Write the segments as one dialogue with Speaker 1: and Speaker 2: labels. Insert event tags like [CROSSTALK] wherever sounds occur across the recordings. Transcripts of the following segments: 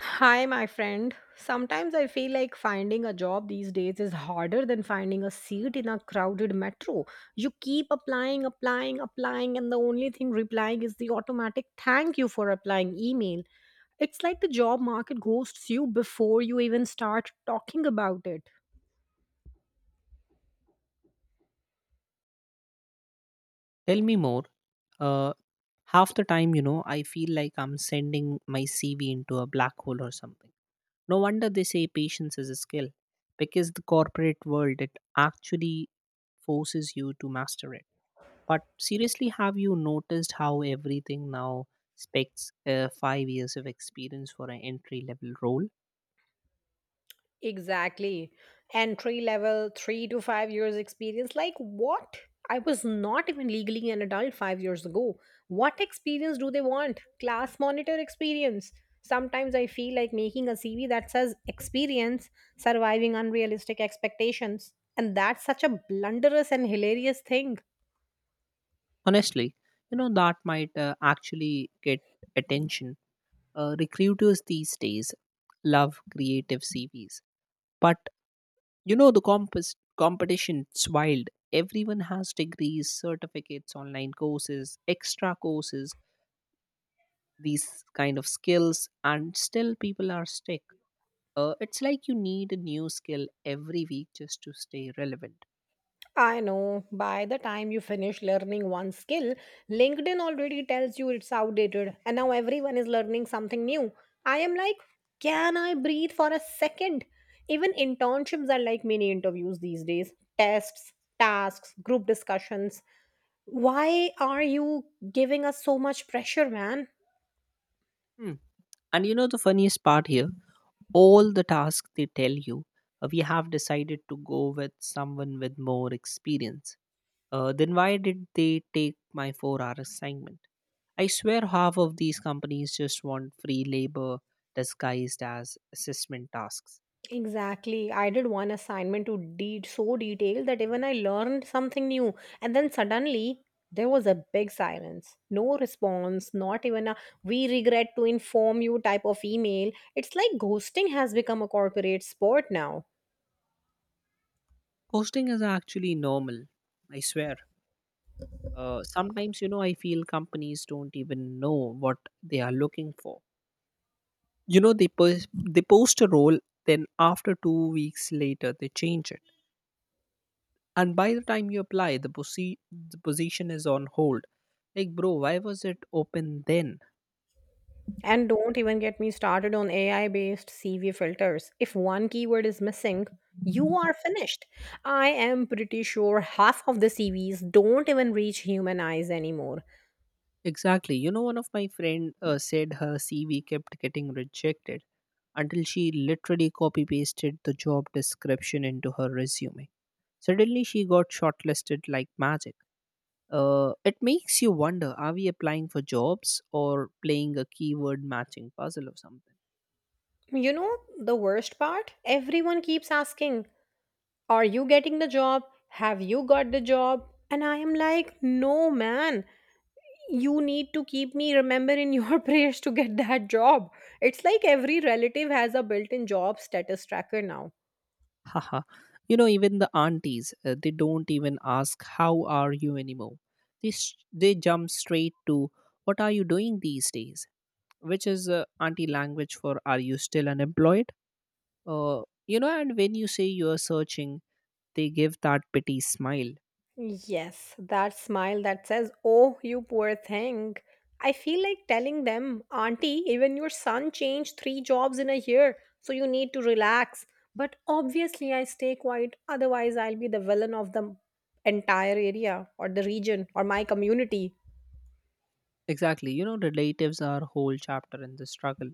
Speaker 1: Hi, my friend. Sometimes I feel like finding a job these days is harder than finding a seat in a crowded metro. You keep applying, applying, applying, and the only thing replying is the automatic thank you for applying email. It's like the job market ghosts you before you even start talking about it.
Speaker 2: Tell me more. Uh, half the time, you know, I feel like I'm sending my CV into a black hole or something. No wonder they say patience is a skill, because the corporate world it actually forces you to master it. But seriously, have you noticed how everything now specs 5 years of experience for an entry level role?
Speaker 1: Exactly. Entry level, 3 to 5 years experience. Like, what? I was not even legally an adult 5 years ago. What experience do they want? Class monitor experience. Sometimes I feel like making a CV that says experience, surviving unrealistic expectations. And that's such a blunderous and hilarious thing.
Speaker 2: Honestly, you know that might actually get attention. Recruiters these days love creative CVs. But you know, the competition, it's wild. Everyone has degrees, certificates, online courses, extra courses, these kind of skills, and still people are stuck. It's like you need a new skill every week just to stay relevant.
Speaker 1: I know by the time you finish learning one skill, LinkedIn already tells you it's outdated, and now everyone is learning something new. I am like, can I breathe for a second? Even internships are like mini interviews these days, tests, tasks, group discussions. Why are you giving us so much pressure, man?
Speaker 2: Hmm. And you know, the funniest part here all the tasks they tell you, we have decided to go with someone with more experience. Then why did they take my 4 hour assignment? I swear half of these companies just want free labor disguised as assessment tasks.
Speaker 1: Exactly. I did one assignment so detailed that even I learned something new. And then suddenly there was a big silence. No response, not even a we regret to inform you type of email. It's like ghosting has become a corporate sport now.
Speaker 2: Ghosting is actually normal, I swear. Sometimes, you know, I feel companies don't even know what they are looking for. You know, they post a role, then after 2 weeks later, they change it. And by the time you apply, the position is on hold. Like, bro, why was it open then?
Speaker 1: And don't even get me started on AI based CV filters. If one keyword is missing, you are finished. I am pretty sure half of the CVs don't even reach human eyes anymore.
Speaker 2: Exactly. You know, one of my friend said her CV kept getting rejected until she literally copy pasted the job description into her resume. Suddenly, she got shortlisted like magic. It makes you wonder are we applying for jobs or playing a keyword matching puzzle or something?
Speaker 1: You know the worst part? Everyone keeps asking, are you getting the job? Have you got the job? And I am like, no, man. You need to keep me remember in your [LAUGHS] prayers to get that job. It's like every relative has a built in job status tracker now.
Speaker 2: Haha. You know, even the aunties, they don't even ask, how are you anymore? They, s they jump straight to, what are you doing these days? Which is auntie language for, are you still unemployed? You know, and when you say you are searching, they give that pity smile.
Speaker 1: Yes, that smile that says, oh, you poor thing. I feel like telling them, auntie, even your son changed three jobs in a year, so you need to relax. But obviously, I stay quiet, otherwise, I'll be the villain of the entire area, or the region, or my community.
Speaker 2: Exactly. You know, relatives are a whole chapter in the struggle.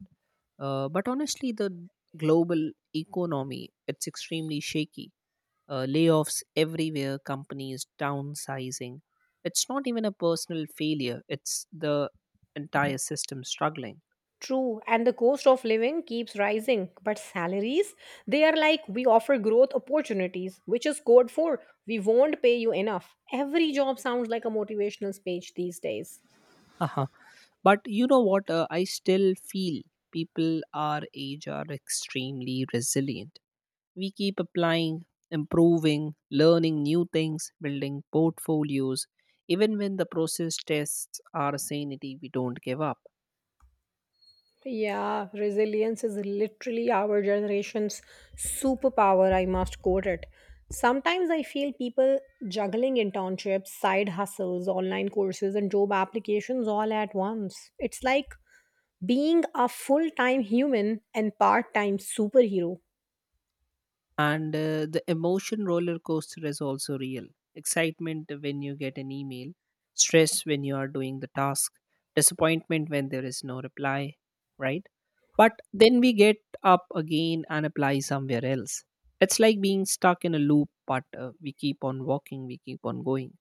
Speaker 2: But honestly, the global economy, it's extremely shaky. Layoffs everywhere, companies downsizing. It's not even a personal failure. It's the entire system struggling.
Speaker 1: True, and the cost of living keeps rising, but salaries, they are like, we offer growth opportunities, which is code for, we won't pay you enough. Every job sounds like a motivational speech these days.
Speaker 2: [LAUGHS] Haha. But you know what? I still feel people our age are extremely resilient. We keep applying, improving, learning new things, building portfolios. Even when the process tests our sanity, we don't give up.
Speaker 1: Yeah, resilience is literally our generation's superpower, I must quote it. Sometimes I feel people juggling internships, side hustles, online courses, and job applications all at once. It's like being a full time human and part time superhero.
Speaker 2: And the emotion roller coaster is also real. Excitement when you get an email, stress when you are doing the task, disappointment when there is no reply, right? But then we get up again and apply somewhere else. It's like being stuck in a loop, but we keep on walking, we keep on going.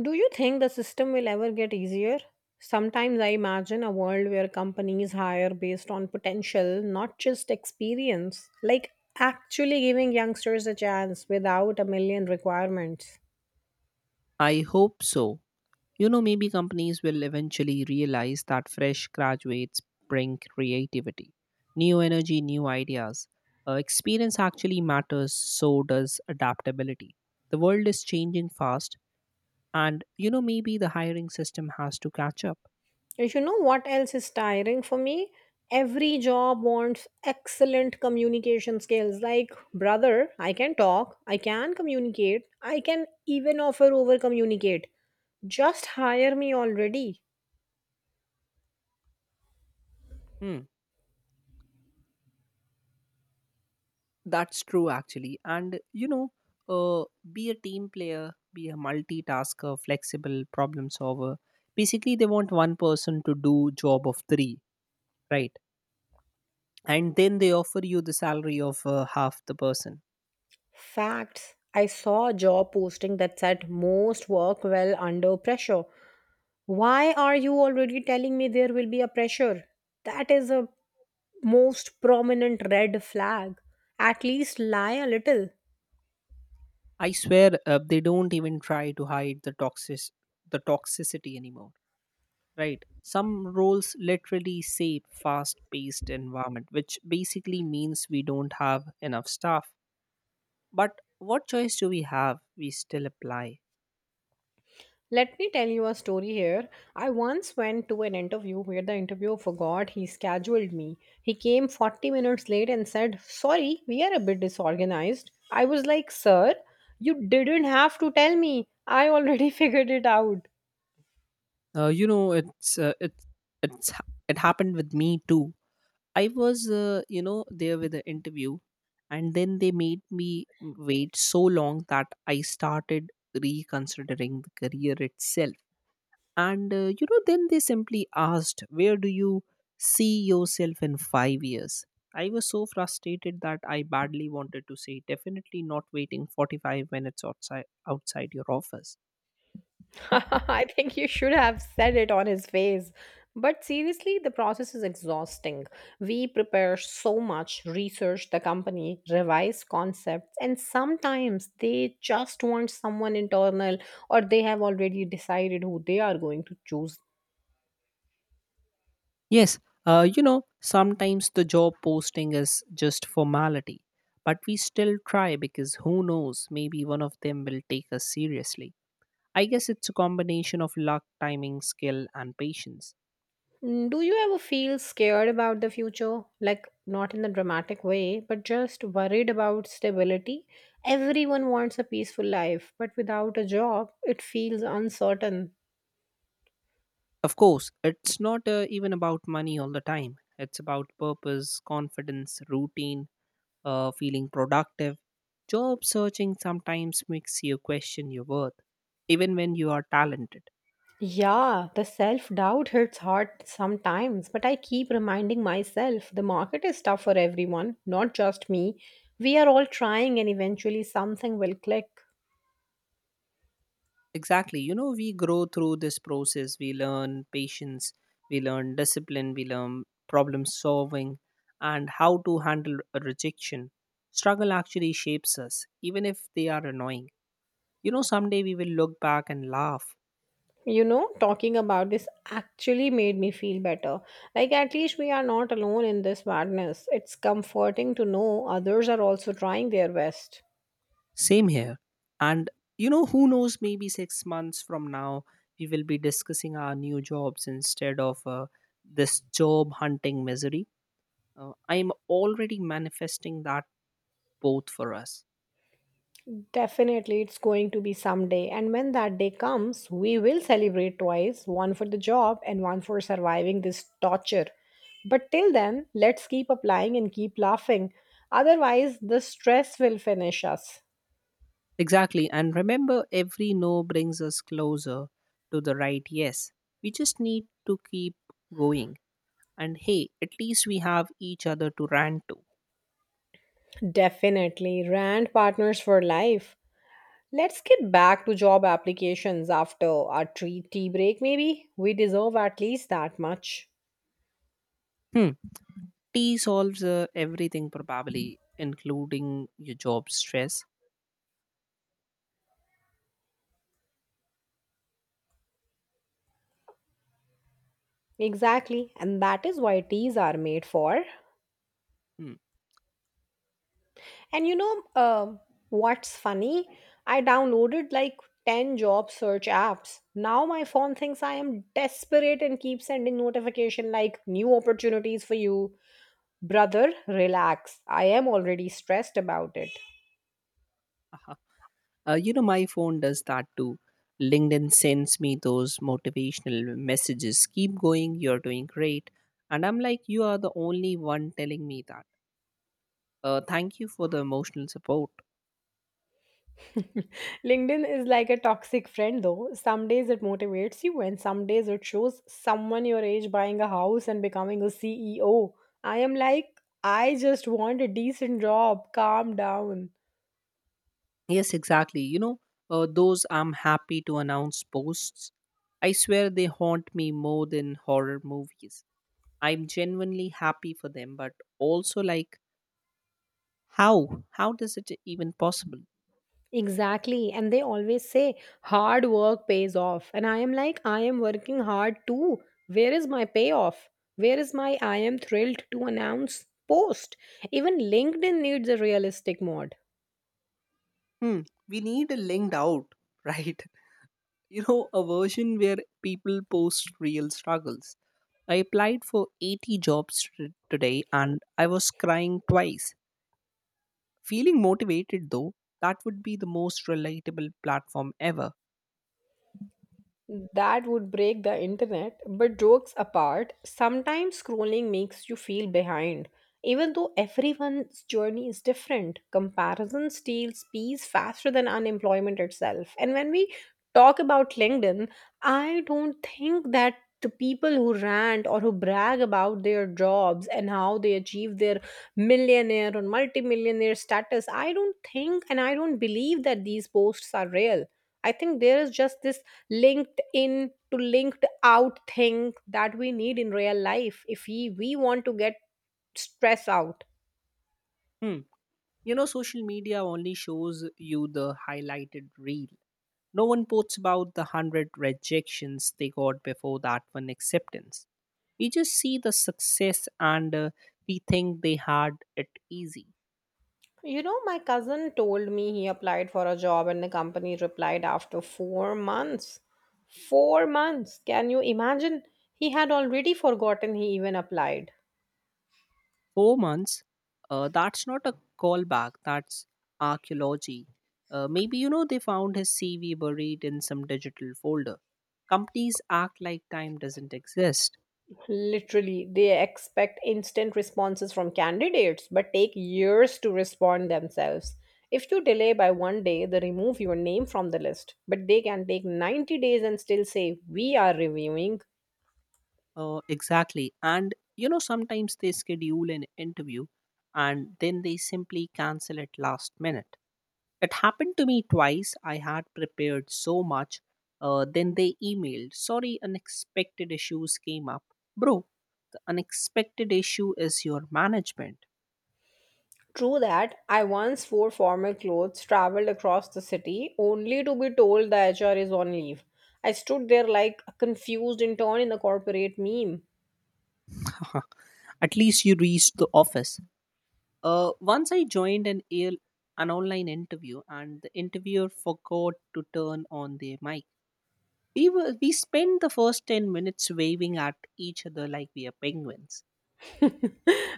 Speaker 1: Do you think the system will ever get easier? Sometimes I imagine a world where companies hire based on potential, not just experience, like actually giving youngsters a chance without a million requirements.
Speaker 2: I hope so. You know, maybe companies will eventually realize that fresh graduates bring creativity, new energy, new ideas. Experience actually matters, so does adaptability. The world is changing fast, and you know, maybe the hiring system has to catch up.
Speaker 1: And you know what else is tiring for me? Every job wants excellent communication skills. Like, brother, I can talk, I can communicate, I can even offer over communicate. Just hire me already.
Speaker 2: Hmm, that's true, actually. And you know, uh, be a team player, be a multitasker, flexible problem solver. Basically, they want one person to do job of three, right? And then they offer you the salary of half the person.
Speaker 1: Facts. I saw a job posting that said most work well under pressure. Why are you already telling me there will be a pressure? That is a most prominent red flag. At least lie a little.
Speaker 2: I swear they don't even try to hide the toxicity anymore, right? Some roles literally say fast paced environment, which basically means we don't have enough staff. But what choice do we have? We still apply.
Speaker 1: Let me tell you a story here. I once went to an interview where the interviewer forgot he scheduled me. He came 40 minutes late and said, sorry, we are a bit disorganized. I was like, sir, you didn't have to tell me. I already [LAUGHS] figured it out.
Speaker 2: uh, you know it's uh, it's it happened with me too. I was, you know, there with the interview, and then they made me wait so long that I started reconsidering the career itself. And, you know, then they simply asked, where do you see yourself in 5 years? I was so frustrated that I badly wanted to say, definitely not waiting 45 minutes outside your office.
Speaker 1: [LAUGHS] I think you should have said it on his face. But seriously, the process is exhausting. We prepare so much, research the company, revise concepts, and sometimes they just want someone internal or they have already decided who they are going to choose.
Speaker 2: Yes, you know, sometimes the job posting is just formality, but we still try because who knows, maybe one of them will take us seriously. I guess it's a combination of luck, timing, skill, and patience.
Speaker 1: Mm, do you ever feel scared about the future? Like, not in a dramatic way, but just worried about stability? Everyone wants a peaceful life, but without a job, it feels uncertain.
Speaker 2: Of course, it's not even about money all the time. It's about purpose, confidence, routine, feeling productive. Job searching sometimes makes you question your worth, even when you are talented.
Speaker 1: Yeah, the self doubt hits hard sometimes, but I keep reminding myself the market is tough for everyone, not just me. We are all trying, and eventually something will click.
Speaker 2: Exactly. You know, we grow through this process. We learn patience, we learn discipline, we learn problem solving, and how to handle a rejection. Struggle actually shapes us, even if they are annoying. You know, someday we will look back and laugh.
Speaker 1: You know, talking about this actually made me feel better. Like, at least we are not alone in this madness. It's comforting to know others are also trying their best.
Speaker 2: Same here. And, you know, who knows, maybe 6 months from now, we will be discussing our new jobs instead of this job hunting misery. I'm already manifesting that both for us.
Speaker 1: Definitely, it's going to be someday. And when that day comes, we will celebrate twice, one for the job and one for surviving this torture. But till then, let's keep applying and keep laughing. Otherwise, the stress will finish us.
Speaker 2: Exactly. And remember, every no brings us closer to the right yes. We just need to keep going. And hey, at least we have each other to rant to.
Speaker 1: Definitely, Rand Partners for Life. Let's get back to job applications after our tea break, maybe. We deserve at least that much.
Speaker 2: Hmm. Tea solves everything, probably, including your job stress.
Speaker 1: Exactly, and that is why teas are made for.
Speaker 2: Hmm.
Speaker 1: And what's funny? I downloaded like 10 job search apps. Now my phone thinks I am desperate and keeps sending notification like new opportunities for you. Brother, relax. I am already stressed about it.
Speaker 2: uh you know, my phone does that too. LinkedIn sends me those motivational messages. Keep going, you're doing great. And I'm like, you are the only one telling me that. Thank you for the emotional support.
Speaker 1: [LAUGHS] LinkedIn is like a toxic friend though. Some days it motivates you and some days it shows someone your age buying a house and becoming a CEO. I am like, I just want a decent job. Calm down.
Speaker 2: Yes, exactly. You know, those I'm happy to announce posts, I swear they haunt me more than horror movies. I'm genuinely happy for them, but also like, how? How does it even possible?
Speaker 1: Exactly. And they always say hard work pays off. And I am like, I am working hard too. Where is my payoff? Where is my I am thrilled to announce post? Even LinkedIn needs a realistic mod.
Speaker 2: Hmm, we need a linked out, [LAUGHS] right? You know, a version where people post real struggles. I applied for 80 jobs today and I was crying twice. Feeling motivated though, that would be the most relatable platform ever.
Speaker 1: That would break the internet. But jokes apart, sometimes scrolling makes you feel behind. Even though everyone's journey is different, comparison steals peace faster than unemployment itself. And when we talk about LinkedIn, I don't think that the people who rant or who brag about their jobs and how they achieve their millionaire or multimillionaire status, I don't think and I don't believe that these posts are real. I think there is just this linked in to linked out thing that we need in real life if we want to get stress out.
Speaker 2: Hmm. You know, social media only shows you the highlighted reel. No one posts about the hundred rejections they got before that one acceptance. We just see the success and we think they had it easy.
Speaker 1: You know, my cousin told me he applied for a job and the company replied after 4 months. 4 months! Can you imagine? He had already forgotten he even applied.
Speaker 2: 4 months, that's not a callback, that's archaeology. Maybe, you know, they found his CV buried in some digital folder. Companies act like time doesn't exist.
Speaker 1: Literally, they expect instant responses from candidates but take years to respond themselves. If you delay by one day, they remove your name from the list. But they can take 90 days and still say, we are reviewing.
Speaker 2: Exactly. And you know, sometimes they schedule an interview and then they simply cancel it last minute. It happened to me twice. I had prepared so much. Then they emailed, sorry, unexpected issues came up. Bro, the unexpected issue is your management.
Speaker 1: True that, I once wore formal clothes, traveled across the city, only to be told the HR is on leave. I stood there like a confused intern in a corporate meme.
Speaker 2: [LAUGHS] At least you reached the office. Once I joined an online interview, and the interviewer forgot to turn on their mic. We spent the first 10 minutes waving at each other like we are penguins.
Speaker 1: [LAUGHS]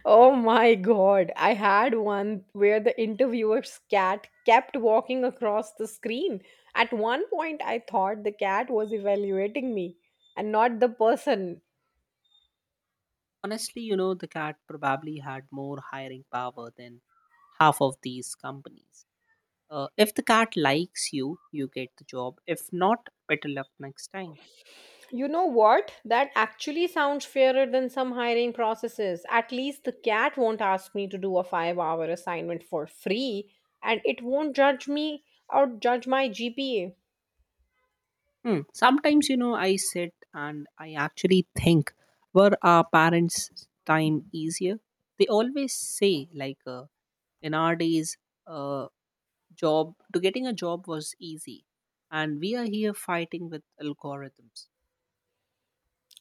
Speaker 1: Oh my god, I had one where the interviewer's cat kept walking across the screen. At one point, I thought the cat was evaluating me and not the person.
Speaker 2: Honestly, you know, the cat probably had more hiring power than half of these companies. If the cat likes you, you get the job. If not, better luck next time.
Speaker 1: You know what? That actually sounds fairer than some hiring processes. At least the cat won't ask me to do a 5 hour assignment for free and it won't judge me or judge my GPA.
Speaker 2: Hmm. Sometimes, you know, I sit and I actually think, were our parents' time easier? They always say, like, in our days, uh, job to getting a job was easy, and we are here fighting with algorithms.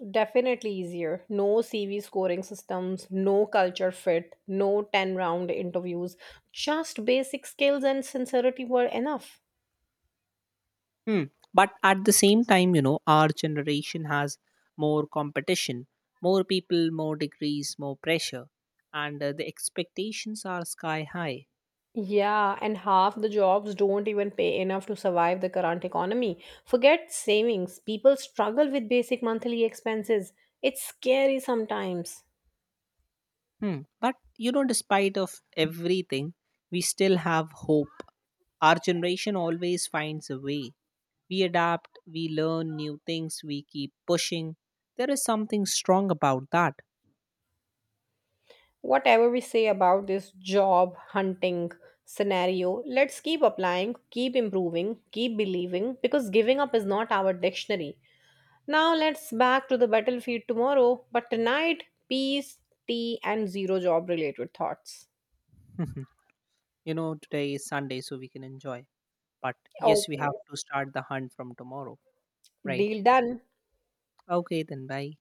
Speaker 1: Definitely easier. No CV scoring systems, no culture fit, no 10 round interviews. Just basic skills and sincerity were enough.
Speaker 2: Hmm. But at the same time, you know, our generation has more competition, more people, more degrees, more pressure, and the expectations are sky high.
Speaker 1: Yeah, and half the jobs don't even pay enough to survive the current economy. Forget savings, people struggle with basic monthly expenses. It's scary sometimes.
Speaker 2: Hmm. But you know, despite of everything, we still have hope. Our generation always finds a way. We adapt, we learn new things, we keep pushing. There is something strong about that.
Speaker 1: Whatever we say about this job hunting scenario, let's keep applying, keep improving, keep believing because giving up is not our dictionary. Now let's back to the battlefield tomorrow, but tonight, peace, tea, and zero job related thoughts.
Speaker 2: [LAUGHS] You know, today is Sunday, so we can enjoy. But yes, we
Speaker 1: Okay,
Speaker 2: have to start the hunt from tomorrow, right?
Speaker 1: deal done.
Speaker 2: Okay, then bye.